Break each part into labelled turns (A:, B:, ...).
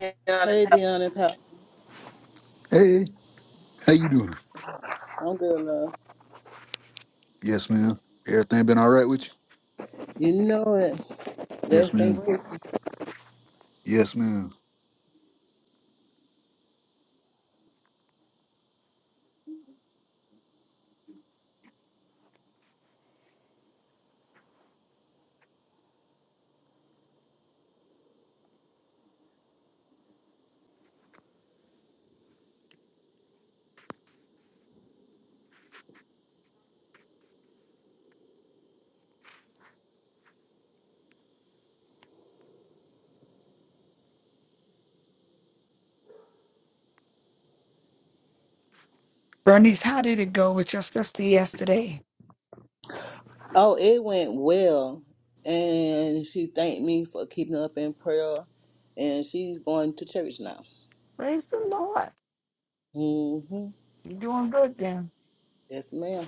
A: Hey,
B: Hey, Deanna, and Pat.
A: how you doing?
B: I'm good, love.
A: Yes, ma'am. Everything been all right with you?
B: You know it.
A: Yes,
B: Less and
A: ma'am. Yes, ma'am.
C: Bernice, how did it go with your sister yesterday?
B: Oh, it went well. And she thanked me for keeping up in prayer. And she's going to church now.
C: Praise the Lord.
B: Mm-hmm.
C: You're doing good then.
B: Yes, ma'am.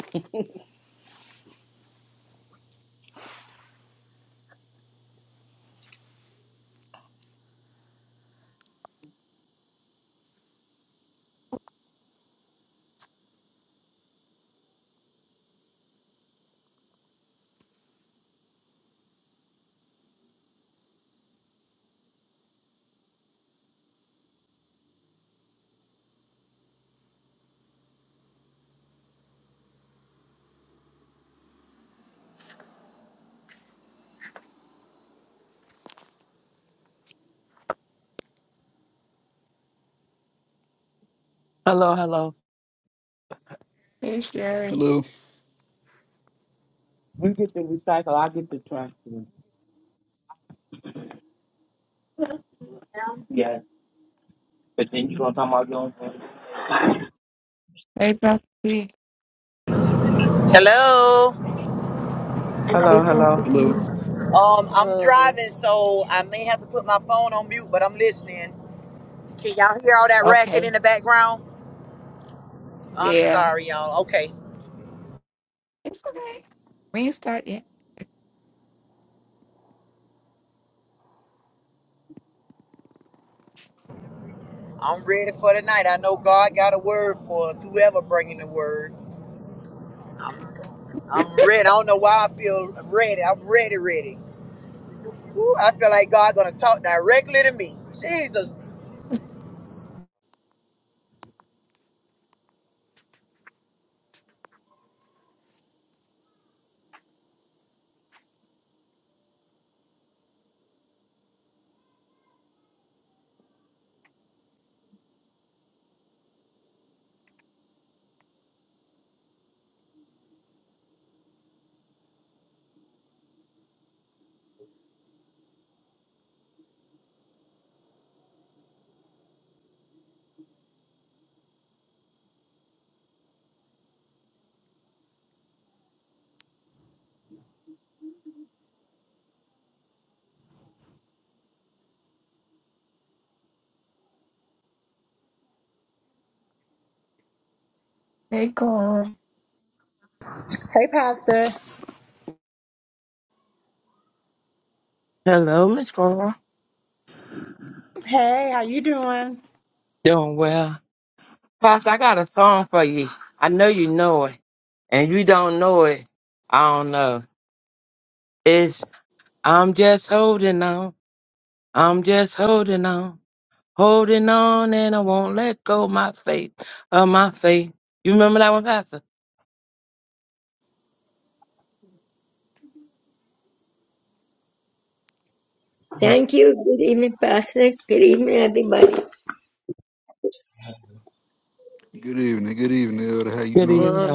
D: Hello, hello.
C: Hey, Sherry.
A: Hello.
D: You get the recycle, I get the trash. Yeah, but then you gonna talk about your own thing.
C: Hey, Pastor B.
E: Hello.
C: Hey,
D: Hello,
C: Pastor
D: hello.
A: Hello.
C: B.
E: Um, I'm driving, so I may have to put my phone on mute, but I'm listening. Can y'all hear all that racket
C: Okay.
E: in the background? I'm
C: Yeah.
E: sorry, y'all. Okay,
C: It's okay. We ain't start yet.
E: I'm ready for tonight. I know God got a word for us. Whoever bringing the word, I'm ready. I don't know why I feel ready. I'm ready, ready. Woo, I feel like God gonna talk directly to me. Jesus.
C: Hey, Cora.
F: Hey, Pastor.
D: Hello, Miss Girl.
F: Hey, how you doing?
D: Doing well. Pastor, I got a song for you. I know you know it. And you don't know it, I don't know. It's I'm just holding on. I'm just holding on. Holding on and I won't let go my faith of my faith. You remember that one, Pastor? Mm.
G: Thank you. Good evening, Pastor. Good evening, everybody.
A: Good evening. Good evening, Elder. How you
D: Good
A: doing?
G: Um,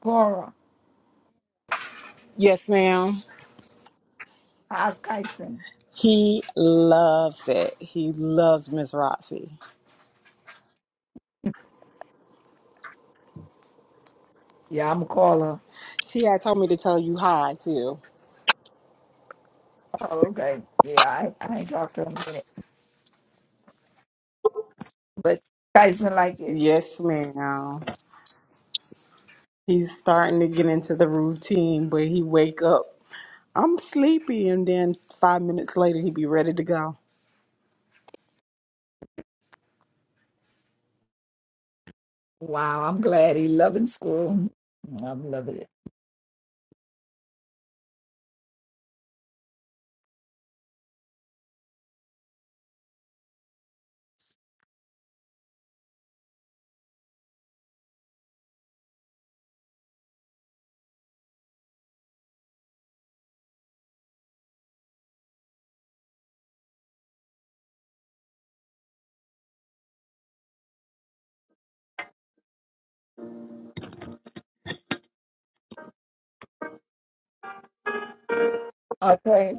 C: Cora.
F: Yes, ma'am.
C: How's Kyson?
F: He loves it. He loves Miss Roxy.
C: Yeah, I'm going to call her.
F: She had told me to tell you hi, too.
C: Oh, okay. Yeah, I, I ain't talked to him in a minute. But Kyson like it.
F: Yes, ma'am. He's starting to get into the routine where he wake up. I'm sleepy, and then five minutes later, he be ready to go.
C: Wow, I'm glad he loving school. I'm loving it. Okay.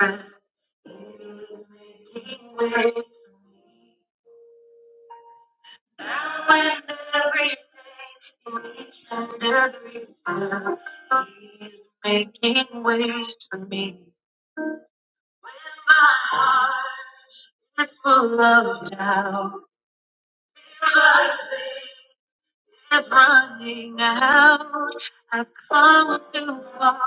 D: evening. Making ways for me when my heart is full of doubt is running out. I've come too far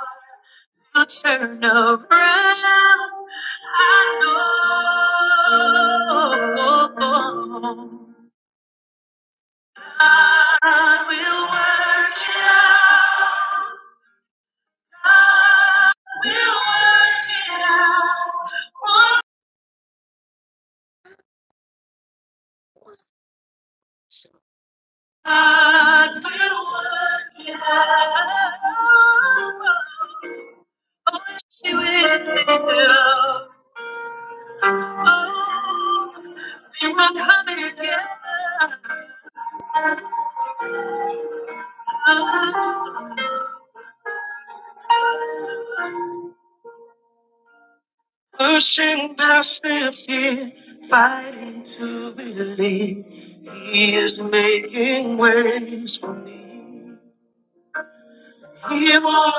D: to turn around. I know God will work it out. God will work it out. Oh, God will work it out. Oh, yes, He will. Oh, we will come together. Oh, Pushing past their fear, fighting to believe. He is making ways for me. He won't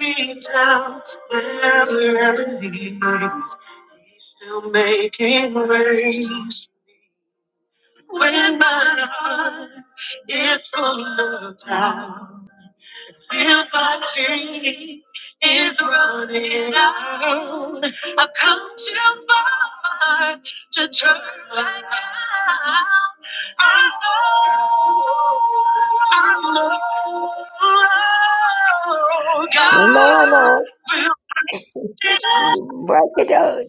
D: let me down, never ever leave. He's still making ways. When my heart is full of doubt, If our faith is running out, I've come too far to turn back now. I know, I know God
G: come on now.
D: will
G: Work it out.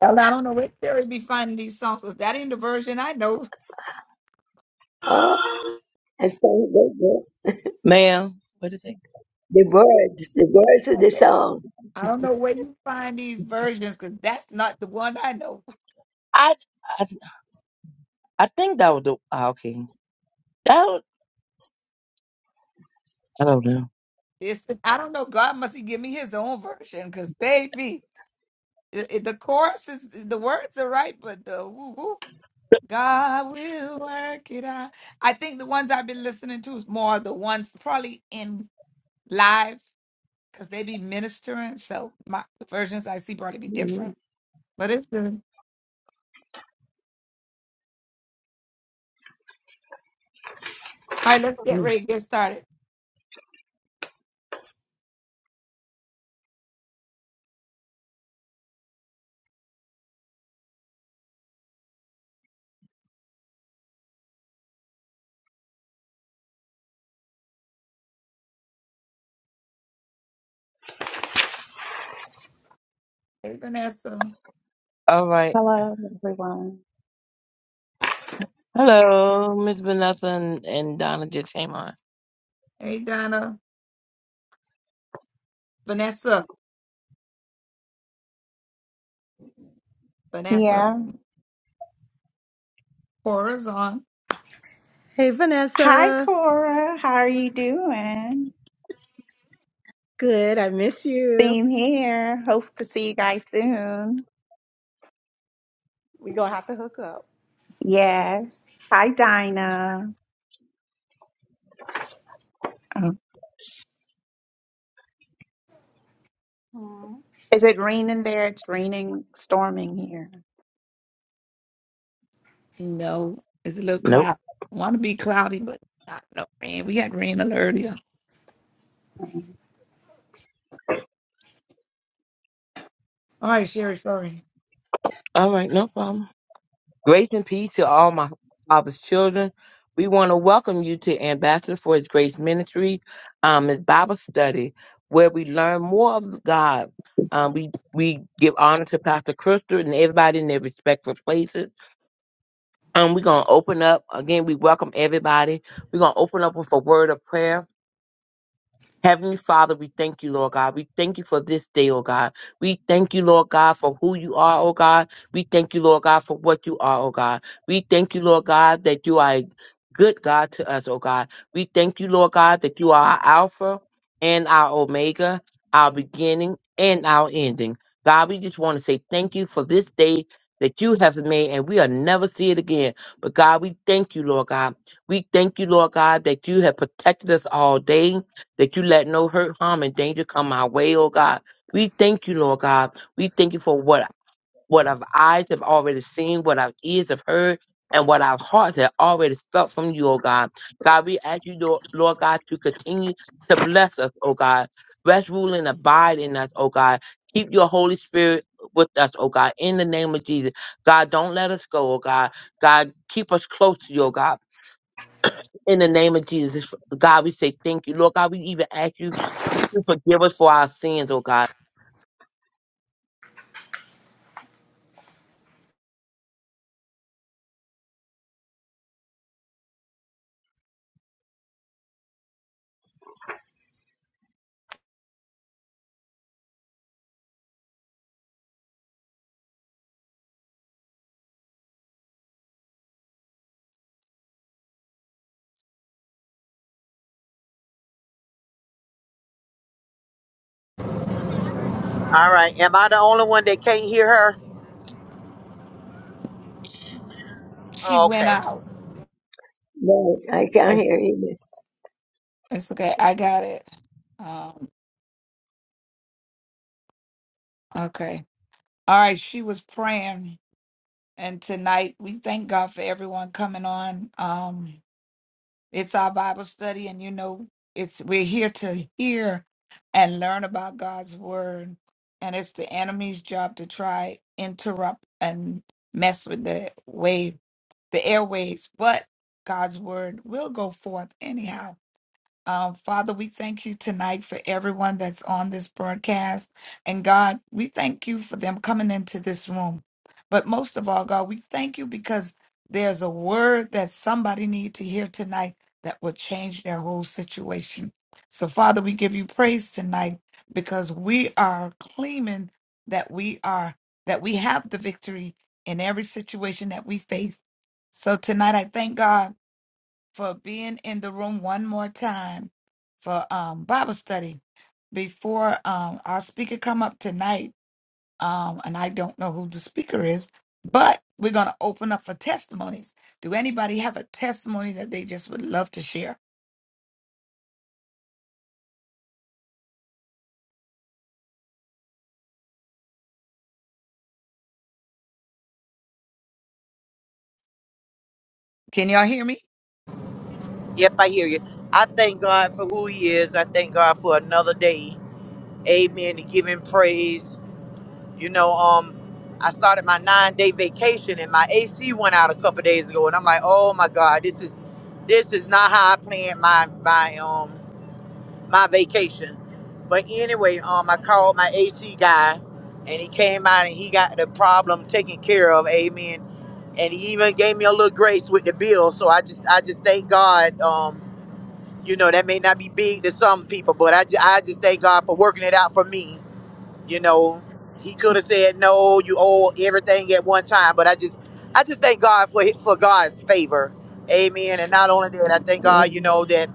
C: Well, I don't know where Terry be finding these songs. Cause that in the version I know.
G: Oh, and sing the, the,
D: Ma'am, what is it?
G: the words, the words of
C: I
G: the
C: said,
G: song.
C: I don't know where you find these versions because that's not the one I know.
D: I, I I think that would do. ah, okay. That was, I don't know.
C: It's I don't know. God must he give me his own version because baby, it, it- the chorus is the words are right, but the woo woo. God will work it out. I think the ones I've been listening to is more the ones probably in live because they be ministering. So my the versions I see probably be
G: Mhm.
C: different, but it's good. All right, let's get ready to get started. Hey, Vanessa.
D: All right.
H: Hello, everyone.
D: Hello, Miss Vanessa and, and Donna just came on.
C: Hey, Donna. Vanessa. Vanessa.
H: Yeah.
C: Horizon.
F: Hey,
H: Hi,
F: Vanessa.
H: Cora. How are you doing?
F: Good. I miss you.
H: Same here. Hope to see you guys soon.
F: We gonna have to hook up.
H: Yes. Hi, Dinah. Oh. Is it raining there? It's raining, storming here.
C: No, it's a little
D: Nope.
C: cloud. Want to be cloudy, but not no rain. We had rain a little earlier.
H: Mm-hmm.
C: All right, Sherry. Sorry.
D: All right, no problem. Grace and peace to all my father's children. We want to welcome you to Ambassador for His Grace Ministry, um, His Bible study, where we learn more of God. Um, we we give honor to Pastor Crystal and everybody in their respectful places. Um, we're gonna open up again. We welcome everybody. We're gonna open up with a word of prayer Heavenly Father, we thank you, Lord God. We thank you for this day, oh God. We thank you, Lord God, for who you are, oh God. We thank you, Lord God, for what you are, oh God. We thank you, Lord God, that you are a good God to us, oh God. We thank you, Lord God, that you are our Alpha and our Omega, our beginning and our ending. God, we just want to say thank you for this day that you have made and we'll never see it again. But God, we thank you, Lord God. We thank you, Lord God, that you have protected us all day that you let no hurt, harm, and danger come our way, oh God. We thank you, Lord God. We thank you for what what our eyes have already seen, what our ears have heard, and what our hearts have already felt from you, oh God. God, we ask you, Lord Lord God, to continue to bless us, oh God. Rest, rule, and abide in us, oh God. Keep your Holy Spirit with us, oh God, in the name of Jesus. God, don't let us go, oh God. God, keep us close to you, oh God, in the name of Jesus. God, we say thank you. Lord God, we even ask you you forgive us for our sins, oh God.
E: All right. Am I the only one that can't hear her?
C: She
E: Oh,
C: went
E: okay.
C: out.
G: Right. I can't
C: Right.
G: hear you.
C: It's okay. I got it. Um. Okay. All right. She was praying, and tonight we thank God for everyone coming on. Um. It's our Bible study, and you know, it's we're here to hear and learn about God's word. And it's the enemy's job to try interrupt and mess with the wave, the airwaves. But God's word will go forth anyhow um, Father, we thank you tonight for everyone that's on this broadcast. And God, we thank you for them coming into this room. But most of all, God, we thank you because there's a word that somebody need to hear tonight that will change their whole situation. So, Father, we give you praise tonight because we are claiming that we are that we have the victory in every situation that we face. So tonight I thank God for being in the room one more time for um, Bible study before um, our speaker come up tonight. Um, and I don't know who the speaker is, but we're going to open up for testimonies. Do anybody have a testimony that they just would love to share? Can y'all hear me?
E: Yep, I hear you. I thank God for who He is. I thank God for another day. amen, to giving praise. You know, um, I started my nine day vacation and my AC went out a couple days ago, and I'm like, oh my God, this is this is not how I planned my my um my vacation. But anyway, um, I called my AC guy, and he came out and he got the problem taken care of, amen. And he even gave me a little grace with the bill, so I just I just thank God. Um, you know that may not be big to some people, but I, ju- I just thank God for working it out for me you know, he could have said no. You owe everything at one time, but I just, I just thank God for hi- for God's favor, Amen. And not only that, I
C: Amen.
E: thank God, you know,
G: Amen.
E: that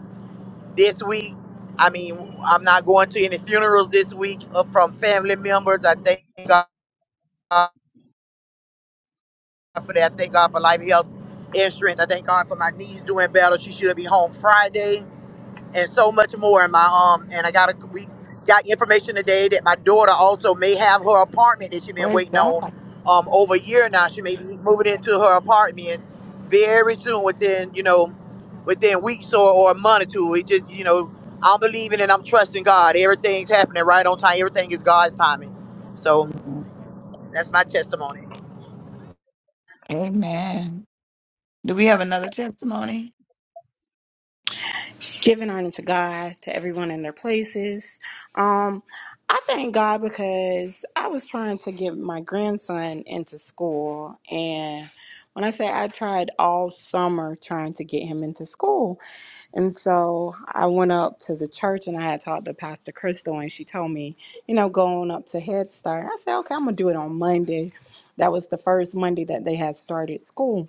E: this week, I mean, I'm not going to any funerals this week uh, from family members. I thank God for that. I thank God for life, health, insurance. I thank God for my niece doing better. She should be home Friday. and so much more. And my um, and I got a we got information today that my daughter also may have her apartment that she's been
C: Praise
E: waiting
C: God.
E: on um over a year now. She may be moving into her apartment very soon, within you know, within weeks or, or a month or two. It just you know, I'm believing and I'm trusting God. Everything's happening right on time. Everything is God's timing. So
C: Amen.
E: that's my testimony.
C: Amen. Do we have another testimony?
F: Giving honor to God, to everyone in their places. Um, I thank God because I was trying to get my grandson into school. And when I say I tried all summer trying to get him into school, and so I went up to the church and I had talked to Pastor Crystal, and she told me, you know, going up to Head Start. I said, okay, I'm going to do it on Monday. That was the first Monday that they had started school.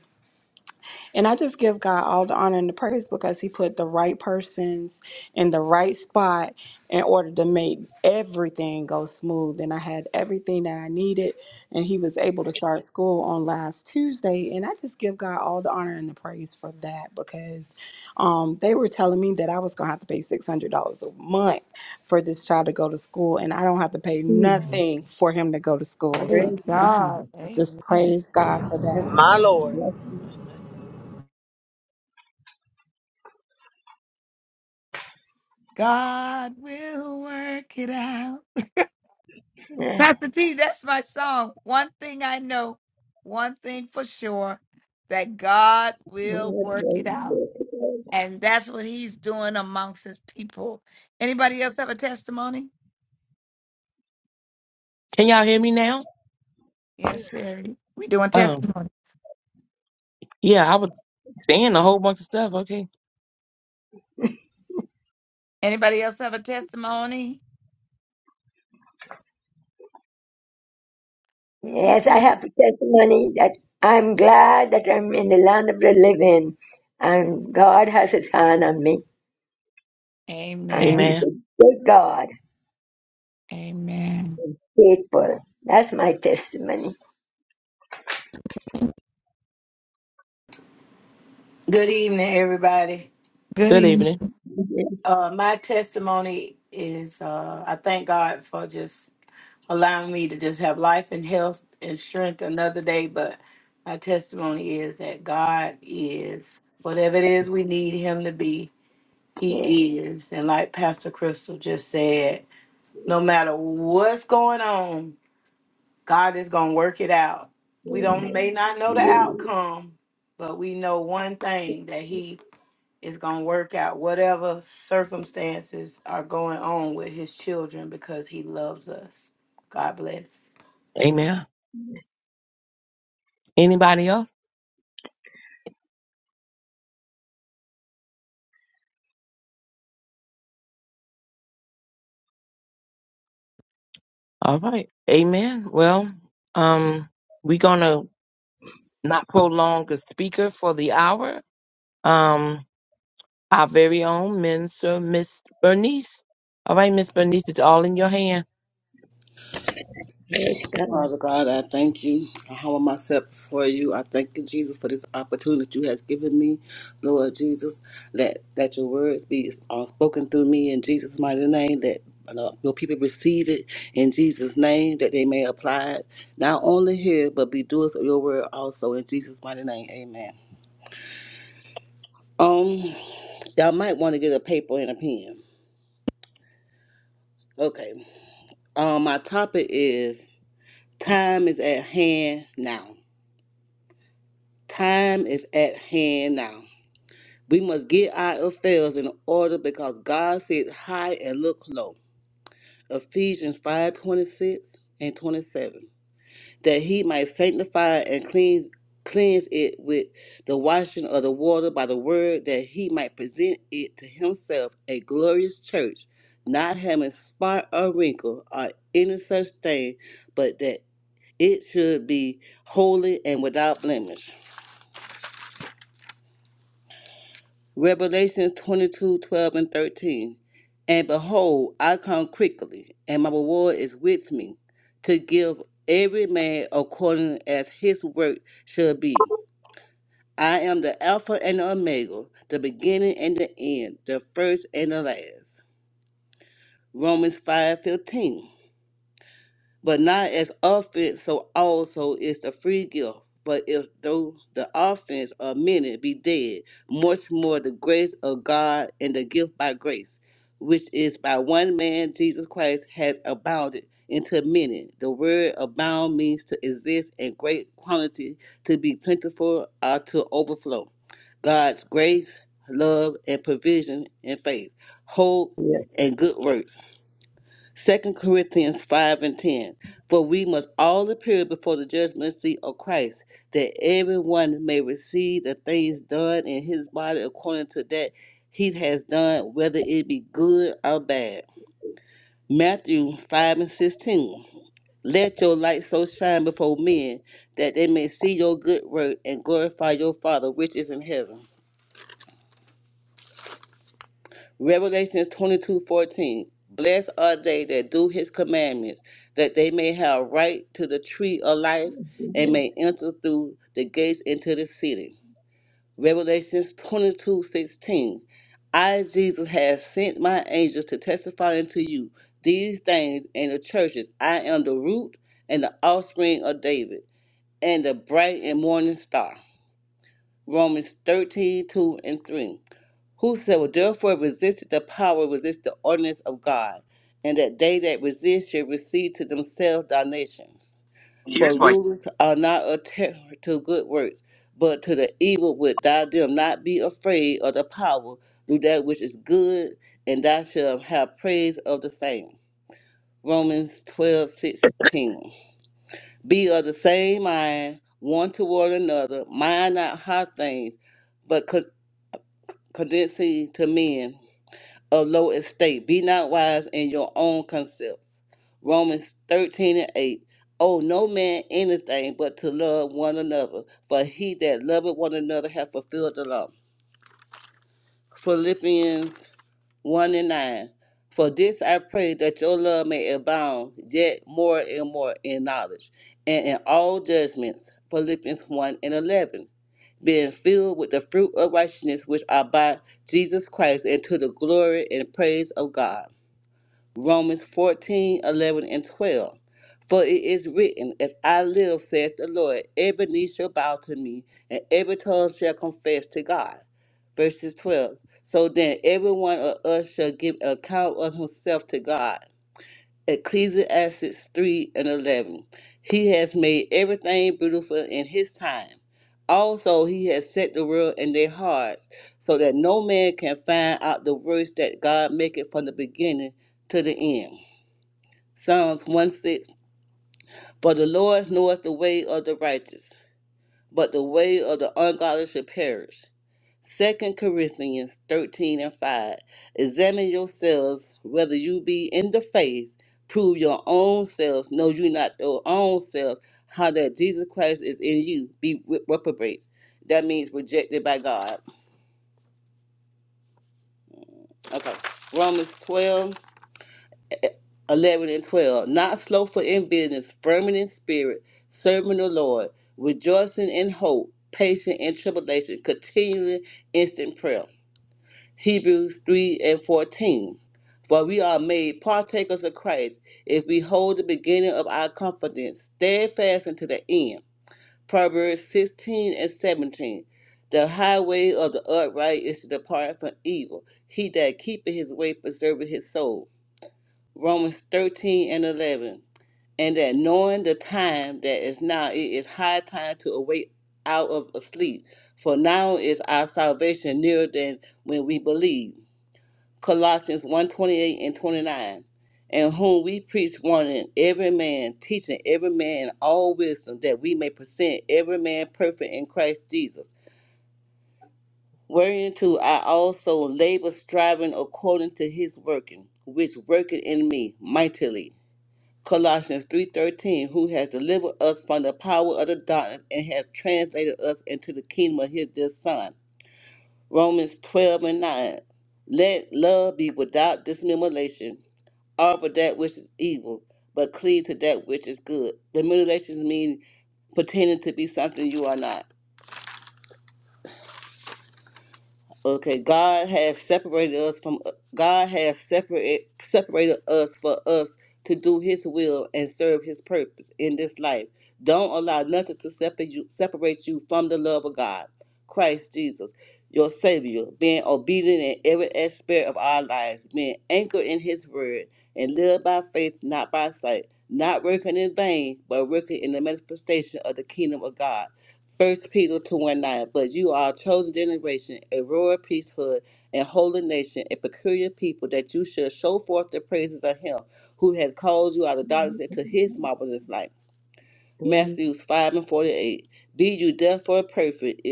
F: And I just give God all the honor and the praise because He put the right persons in the right spot in order to make everything go smooth. And I had everything that I needed, and He was able to start school on last Tuesday. And I just give God all the honor and the praise for that because um, they were telling me that I was going to have to pay $600 a month for this child to go to school, and I don't have to pay
G: Mhm.
F: nothing for him to go to school.
C: Praise
F: So
G: Praise God.
C: God.
F: I just
C: Amen.
F: praise God for that.
E: My Lord,
C: God will work it out.
G: Yes,
C: Pastor T, that's my song. One thing I know, one thing for sure, that God will
G: Yes,
C: work it out.
G: Yes.
C: And that's what he's doing amongst his people. Anybody else have a testimony?
D: Can y'all hear me now?
C: Yes, Sherry. We doing
D: Um,
C: testimony.
D: yeah, I was saying a whole bunch of stuff. Okay.
C: Anybody else have a testimony?
G: Yes, I
C: Okay.
G: have a testimony that I'm glad that I'm in the land of the living and God has his hand on me. And
C: Amen.
G: he's
D: Amen.
G: a good God,
C: Amen.
G: faithful. That's my testimony.
I: Good evening, everybody.
C: Good
D: Good
C: evening.
D: evening.
G: Amen.
I: Uh, my testimony is uh, I thank God for just allowing me to just have life and health and strength another day. But my testimony is that God is whatever it is we need Him to be,
G: Yeah.
I: He is. And like Pastor Crystal just said, no matter what's going on, God is going to work it out. We don't
G: Amen.
I: may not know the outcome, but we know one thing that He is going to work out whatever circumstances are going on with his children because he loves us. God bless.
D: Amen. Anybody else? All right. Amen. Well, um, we're gonna not prolong the speaker for the hour. Um, our very own minister, Miss Bernice. All right, Miss Bernice, it's all in your hand.
G: Praise God.
B: Father God, I thank you. I humble myself before you. I thank you, Jesus, for this opportunity you has given me. Lord Jesus, let, that your words be all spoken through me in Jesus' mighty name, that uh, your people receive it in Jesus' name, that they may apply it, not only here, but be doers of your word also in Jesus' mighty name. Amen. Um, y'all might want to get a paper and a pen. Okay. Um, my topic is time is at hand now. Time is at hand now. We must get our affairs in order because God sits high and look low. Ephesians 5:26 and 27. That he might sanctify and cleanse cleanse it with the washing of the water by the word, that he might present it to himself a glorious church, not having spot or wrinkle or any such thing, but that it should be holy and without blemish. Revelations 22 12 and 13. And behold, I come quickly, and my reward is with me, to give every man according as his work shall be. I am the Alpha and the Omega, the beginning and the end, the first and the last. Romans 5:15. but not as offense, so also is the free gift. But if though the offense of many be dead, much more the grace of God and the gift by grace, which is by one man Jesus Christ has abounded into many. The word abound means to exist in great quantity, to be plentiful or to overflow. God's grace, love, and provision and faith, hope
G: Yeah.
B: and good works. Second Corinthians 5 and 10. For we must all appear before the judgment seat of Christ, that everyone may receive the things done in his body according to that he has done, whether it be good or bad. Matthew 5 and 16. Let your light so shine before men that they may see your good work and glorify your Father which is in heaven. Revelations twenty-two fourteen. Blessed are they that do his commandments, that they may have right to the tree of life and
G: Amen.
B: may enter through the gates into the city. Revelations twenty-two sixteen. I, Jesus, have sent my angels to testify unto you these things in the churches. I am the root and the offspring of David, and the bright and morning star. Romans 13:2 and 3. Whosoever therefore resisteth the power resist the ordinance of God, and that they that resist shall receive to themselves damnations. For
D: Here's my
B: rulers are not a terror to good works, but to the evil which thou them not be afraid of the power, do that which is good, and thou shalt have praise of the same. Romans twelve sixteen. Be of the same mind one toward another, mind not high things, but con- condensing to men of low estate. Be not wise in your own concepts. Romans 13 and 8. Owe no man anything but to love one another, for he that loveth one another hath fulfilled the law. Philippians 1 and 9. For this I pray that your love may abound yet more and more in knowledge and in all judgments. Philippians 1 and 11. Being filled with the fruit of righteousness which are by Jesus Christ and to the glory and praise of God. Romans 14 11 and 12. For it is written, As I live, saith the Lord, every knee shall bow to me, and every tongue shall confess to God. Verses 12. So then every one of us shall give account of himself to God. Ecclesiastes 3 and 11. He has made everything beautiful in his time. Also, he has set the world in their hearts, so that no man can find out the words that God maketh from the beginning to the end. Psalms 1 6. For the Lord knoweth the way of the righteous, but the way of the ungodly shall perish. Second Corinthians 13 and 5. Examine yourselves whether you be in the faith. Prove your own selves. Know you not your own self. How that Jesus Christ is in you. Be re- reprobates. That means rejected by God. Okay. Romans 12. 11 and 12. Not slothful in business, firm in spirit, serving the Lord, rejoicing in hope, patient in tribulation, continuing instant prayer. Hebrews 3 and 14. For we are made partakers of Christ if we hold the beginning of our confidence steadfast unto the end. Proverbs 16 and 17. The highway of the upright is to depart from evil. He that keepeth his way preserveth his soul. Romans 13 and 11. And that knowing the time that is now, it is high time to awake out of a sleep. For now is our salvation nearer than when we believe. Colossians one twenty eight and 29. And whom we preach, warning every man, teaching every man all wisdom, that we may present every man perfect in Christ Jesus. Whereunto I also labor, striving according to his working, which worketh in me mightily. Colossians 3:13, who has delivered us from the power of the darkness and has translated us into the kingdom of his dear son. Romans 12 and 9. Let love be without dissimulation. Offer that which is evil, but cleave to that which is good. The mean means pretending to be something you are not. Okay, God has separated us from God has separate separated us for us to do His will and serve His purpose in this life. Don't allow nothing to separate you separate you from the love of God, Christ Jesus, your Savior. Being obedient in every aspect of our lives, being anchored in His Word, and live by faith, not by sight. Not working in vain, but working in the manifestation of the kingdom of God First Peter 2 and 9. But you are a chosen generation, a royal priesthood, and holy nation, a peculiar people, that you should show forth the praises of him who has called you out of darkness into his marvelous light.
G: Amen.
B: Matthews 5 and 48. Be you therefore perfect,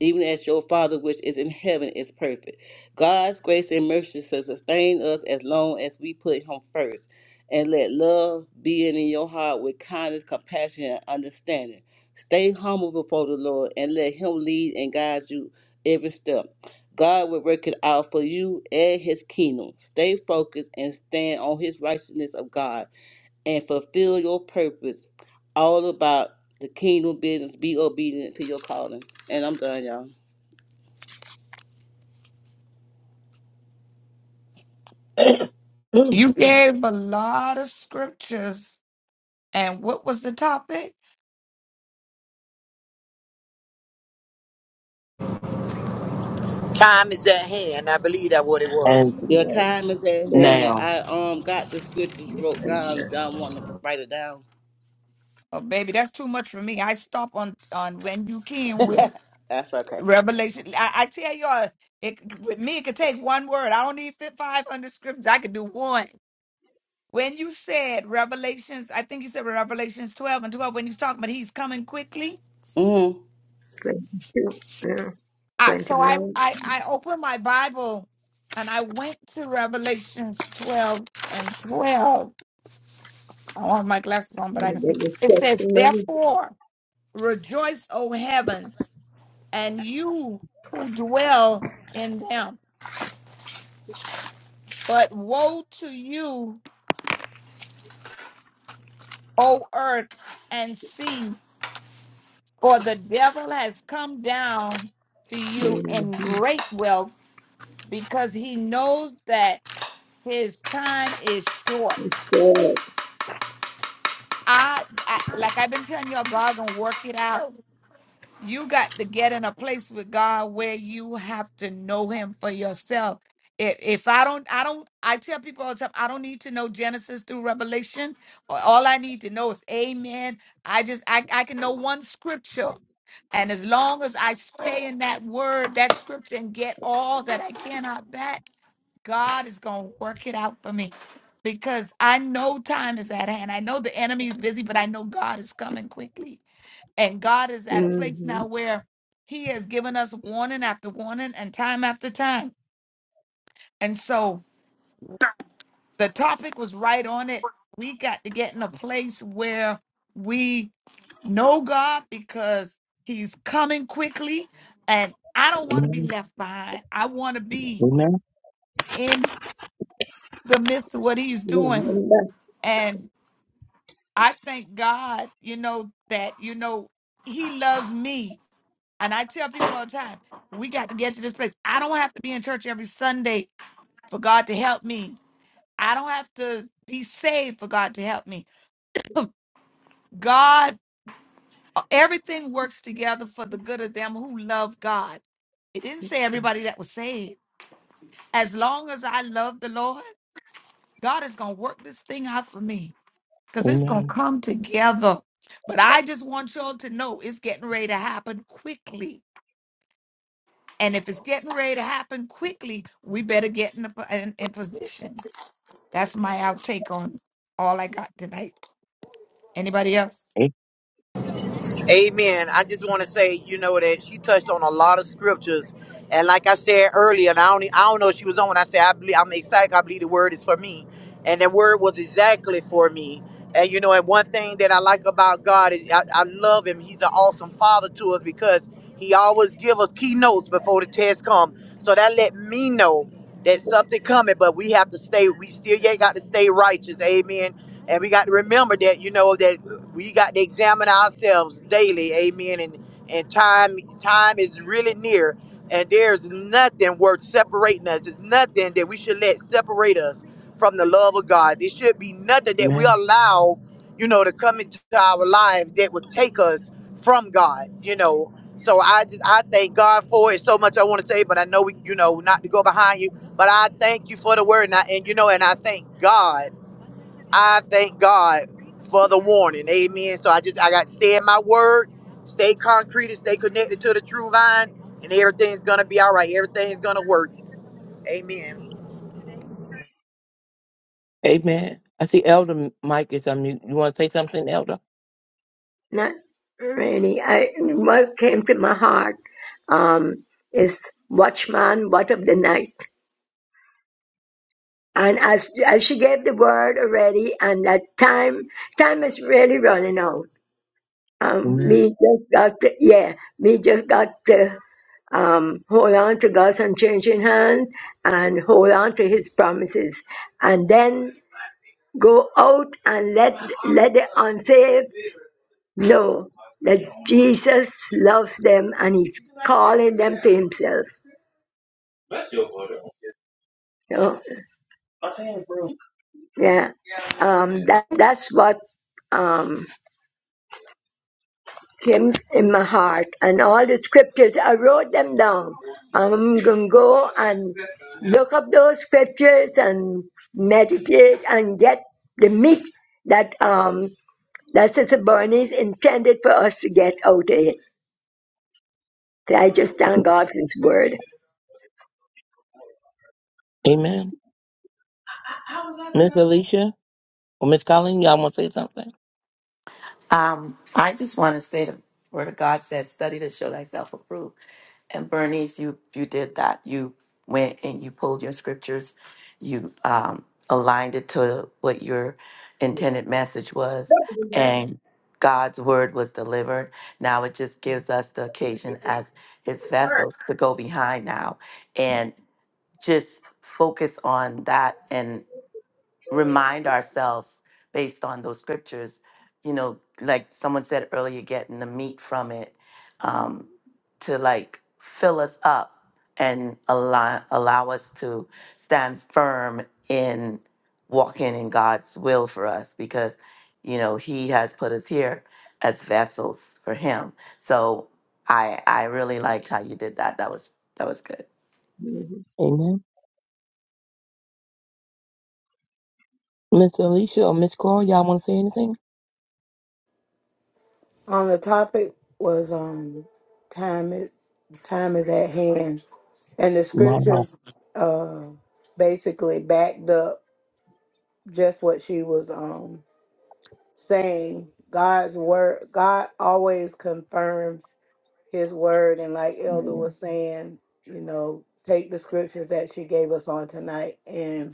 B: even as your Father which is in heaven is perfect. God's grace and mercy shall sustain us as long as we put Him first. And let love be in your heart with kindness, compassion, and understanding. Stay humble before the Lord and let Him lead and guide you every step. God will work it out for you and His kingdom. Stay focused and stand on His righteousness of God and fulfill your purpose. All about the kingdom business. Be obedient to your calling. And I'm done, y'all.
C: You gave a lot of scriptures. And what was the topic?
E: time is at hand. I believe that what it was.
D: and
B: Your time is at
G: Yeah.
B: hand.
D: now.
B: I um got the scriptures wrote down.
G: Amen.
B: If y'all want to write it down,
C: Oh, baby, that's too much for me. I stop on on when you came with
B: that's okay.
C: Revelation. I, I tell y'all, it with me, it could take one word. I don't need fit five hundred scriptures. I could do one. When you said Revelations, I think you said Revelations twelve and twelve. When you was talking about he's coming quickly,
G: 22. Yeah.
C: I, so
G: 21.
C: I, I I opened my Bible and I went to Revelations twelve and twelve. I don't have my glasses on, but
G: And
C: I
G: then
C: can see.
G: the
C: It says,
G: testimony.
C: "Therefore rejoice, O heavens, and you who dwell in them." But woe to you O earth, and see, for the devil has come down to you in
G: Mm-hmm.
C: great wealth because he knows that his time is short.
G: Yeah.
C: I, I like I've been telling y'all, God gonna work it out. You got to get in a place with God where you have to know Him for yourself. If if I don't, I don't. I tell people all the time, I don't need to know Genesis through Revelation. All I need to know is Amen. I just I I can know one scripture And as long as I stay in that word, that scripture, and get all that I can out of that, God is going to work it out for me because I know time is at hand. I know the enemy is busy, but I know God is coming quickly. And God is at a place
G: Mm-hmm.
C: now where He has given us warning after warning and time after time. And so, the topic was right on it. We got to get in a place where we know God because He's coming quickly. And I don't want to be
D: Amen.
C: left behind. I want to be
D: Amen.
C: in the midst of what He's doing.
G: Remember,
C: And I thank God, you know, that, you know, He loves me. And I tell people all the time, we got to get to this place. I don't have to be in church every Sunday for God to help me. I don't have to be saved for God to help me. God Uh, Everything works together for the good of them who love God. It didn't say everybody that was saved. As long as I love the Lord, God is going to work this thing out for me because it's going to
D: Amen.
C: come together. But I just want y'all to know it's getting ready to happen quickly. And if it's getting ready to happen quickly, we better get in, the, in, in position. That's my outtake on all I got tonight. Anybody else?
E: Amen. I just want to say, you know, that she touched on a lot of scriptures, and like I said earlier, and I not I don't know if she was on when I said I believe I'm excited. I believe the word is for me, and the word was exactly for me. And you know, and one thing that I like about God is I, I love Him. He's an awesome Father to us because He always give us keynotes before the test come. So that let me know that something coming, but we have to stay. We still yet got to stay righteous. Amen. And we got to remember that, you know, that we got to examine ourselves daily, amen. And and time time is really near, and there's nothing worth separating us. There's nothing that we should let separate us from the love of God. There should be nothing that we
D: Amen.
E: allow, you know, to come into our lives that would take us from God, you know. So I just I thank God for it so much I want to say, but I know we, you know, not to go behind you. But I thank you for the word, and I, and you know, and I thank God. I thank God for the warning. Amen. So I just I got to stay in my word, stay concrete, and stay connected to the true vine, and everything's gonna be all right. Everything's gonna work. Amen.
D: Amen. I see Elder Mike is on mute. You want to say something, Elder?
G: not really. I, what came to my heart um, is Watchman, What of the Night And as, as she gave the word already, and that time, time is really running out. Um,
D: Amen.
G: me just got to, yeah, me just got to, um, hold on to God's unchanging hand and hold on to his promises. And then go out and let, let the unsaved know that Jesus loves them and he's calling them to himself. You know? Yeah. Um, that, that's what, um, him in my heart and all the scriptures. I wrote them down. I'm going to go and look up those scriptures and meditate and get the meat that, um, that Sister Bernice intended for us to get out of it. So I just thank God for His word.
D: Amen. Miss Alicia or Miss Colleen, y'all want to say something?
J: Um, I just want to say the word of God says, study to show thyself approved. And Bernice, you you did that. You went and you pulled your scriptures, you um, aligned it to what your intended message was, and God's word was delivered. Now it just gives us the occasion as His vessels to go behind now and just focus on that remind ourselves based on those scriptures, you know, like someone said earlier, getting the meat from it um, to like fill us up and allow, allow us to stand firm in walking in God's will for us because, you know, He has put us here as vessels for Him. So I I really liked how you did that. That was that was good.
D: Amen. Miss Alicia or Miss Cora, y'all want to say anything?
I: On the topic was um, time is time is at hand, and the
D: No.
I: scriptures uh basically backed up just what she was um saying. God's word, God always confirms His word, and like Elder was saying, you know, take the scriptures that she gave us on tonight and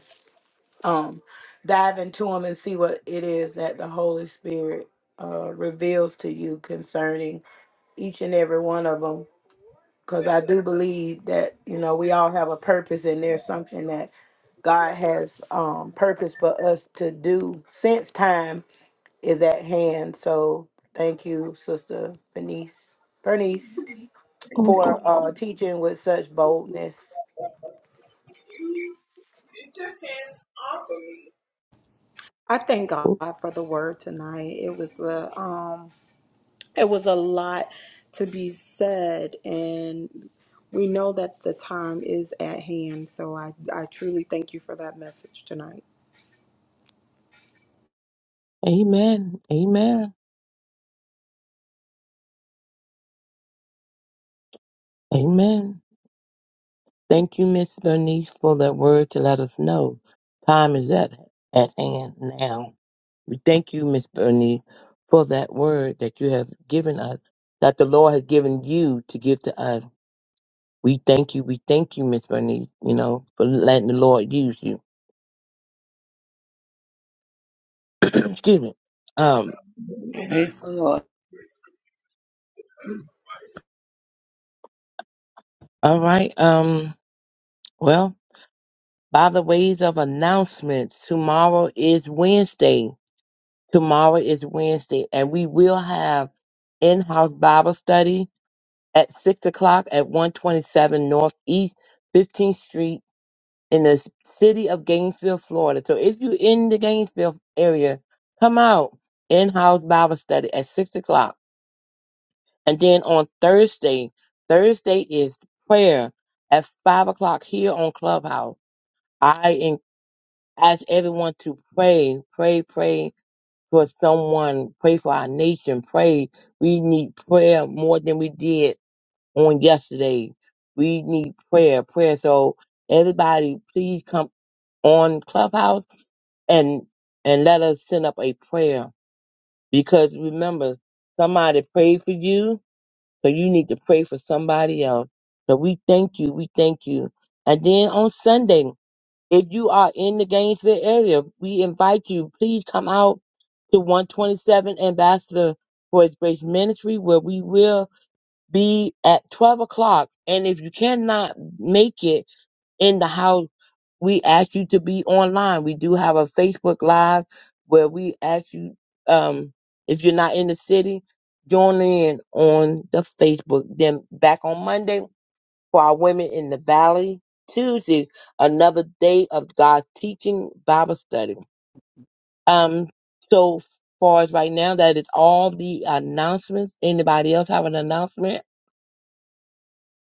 I: um dive into them and see what it is that the holy spirit uh reveals to you concerning each and every one of them because i do believe that you know we all have a purpose and there's something that god has um purpose for us to do since time is at hand so thank you sister bernice bernice for uh teaching with such boldness
F: I thank God for the word tonight. It was a um it was a lot to be said and we know that the time is at hand. So I I truly thank you for that message tonight.
D: Amen. Amen. Amen. Thank you, Miss Bernice, for that word to let us know time is at at hand now. We thank you, Miss Bernice, for that word that you have given us, that the Lord has given you to give to us. We thank you. We thank you, Miss Bernice, you know, for letting the Lord use you. Excuse me. Um,
B: Mm-hmm.
D: all right. Um, well, by the ways of announcements, tomorrow is Wednesday. Tomorrow is Wednesday, and we will have in-house Bible study at six o'clock at one twenty-seven Northeast Fifteenth Street in the s- city of Gainesville, Florida. So if you're in the Gainesville area, come out in-house Bible study at six o'clock And then on Thursday, Thursday is prayer at five o'clock here on Clubhouse. I en- ask everyone to pray, pray, pray for someone, pray for our nation, pray. We need prayer more than we did on yesterday. We need prayer, prayer. So everybody, please come on Clubhouse and and let us send up a prayer because remember somebody prayed for you so you need to pray for somebody else. So we thank you. We thank you. And then on Sunday, if you are in the Gainesville area, we invite you, please come out to 127 Ambassador for His Grace Ministry, where we will be at 12 o'clock. And if you cannot make it in the house, we ask you to be online. We do have a Facebook Live where we ask you, um, if you're not in the city, join in on the Facebook. Then back on Monday for our women in the valley. Tuesday, another day of God's teaching Bible study. Um, so far as right now, that is all the announcements. Anybody else have an announcement?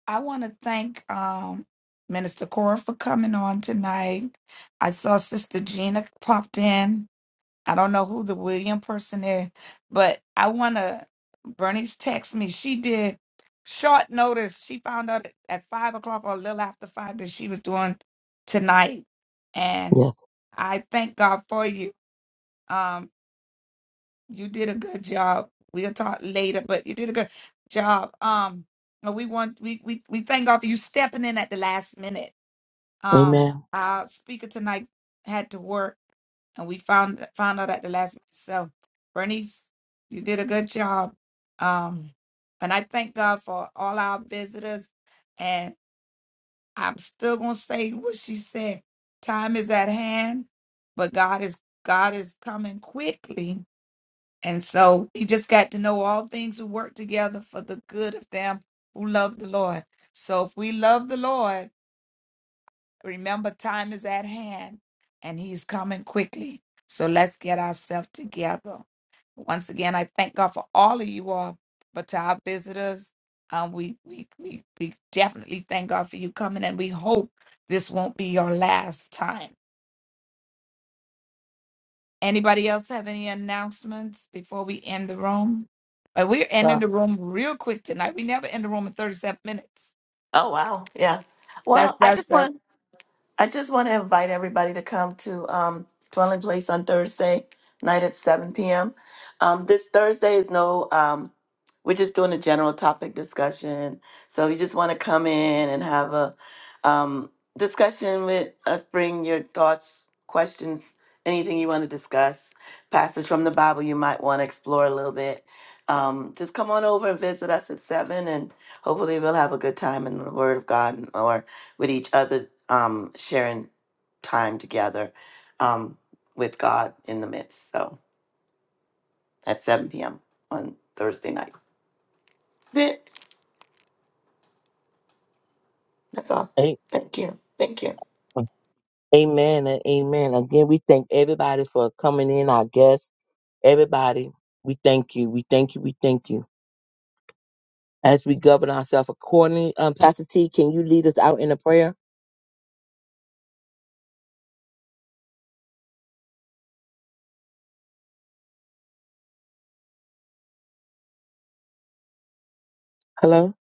C: I want to thank um, Minister Cora for coming on tonight. I saw Sister Gina popped in. I don't know who the William person is, but I want to. Bernice text me. She did short notice. She found out at five o'clock or a little after five that she was doing tonight, and
D: Yes.
C: I thank God for you. Um, you did a good job. We'll talk later, but you did a good job. Um, and we want we we we thank God for you stepping in at the last minute. Um,
D: Amen.
C: our speaker tonight had to work, and we found found out at the last minute. So, Bernice, you did a good job. Um, and I thank God for all our visitors. And I'm still gonna say what she said: time is at hand, but God is God is coming quickly and so he just got to know all things will work together for the good of them who love the Lord. So if we love the Lord, remember time is at hand and he's coming quickly. So let's get ourselves together. Once again, I thank God for all of you all, but to our visitors, um, we, we, we, we definitely thank God for you coming and we hope this won't be your last time Anybody else have any announcements before we end the room? Uh, we're ending
J: Well,
C: the room real quick tonight. We never end the room in 37 minutes.
J: oh wow, yeah.
C: That's
J: Well, I
C: that's
J: just
C: that's
J: want I just want to invite everybody to come to um, Dwelling Place on Thursday night at 7 p.m. Um, this Thursday is no, um, we're just doing a general topic discussion. So if you just want to come in and have a um, discussion with us, bring your thoughts, questions, anything you want to discuss, passage from the Bible you might want to explore a little bit. Um, just come on over and visit us at 7 and hopefully we'll have a good time in the Word of God or with each other, um, sharing time together um, with God in the midst. So at 7 p.m. on Thursday night. That's it. That's all.
D: A-
J: Thank you. Thank you.
D: Amen and amen. Again, we thank everybody for coming in. Our guests, everybody, we thank you. We thank you. We thank you. as we govern ourselves accordingly. Um, Pastor T, can you lead us out in a prayer? Hello?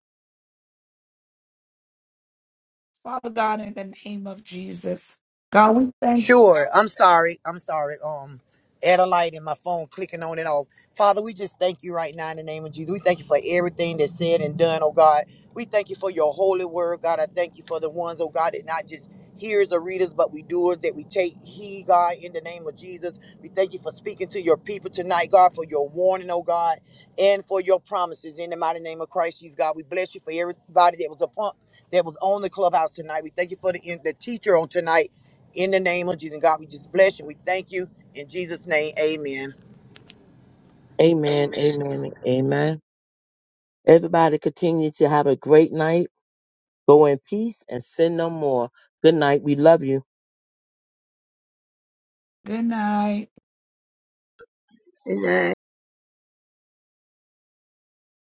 C: Father God in the name of Jesus. God, we thank you.
E: Sure. I'm sorry. I'm sorry. Um, add a light in my phone, clicking on and off. Father, we just thank you right now in the name of Jesus. We thank you for everything that's said and done, oh God. We thank you for your holy word, God. I thank you for the ones, oh God, that not just hearers or readers, but we doers, that we take heed, God, in the name of Jesus. We thank you for speaking to your people tonight, God, for your warning, oh God, and for your promises in the mighty name of Christ Jesus, God. We bless you for everybody that was upon that was on the clubhouse tonight. We thank you for the, the teacher on tonight in the name of Jesus, God, we just bless you. We thank you. In Jesus' name, amen.
D: Amen, amen, and amen. Everybody continue to have a great night. Go in peace and sin no more. Good night. We love you.
C: Good night.
G: And I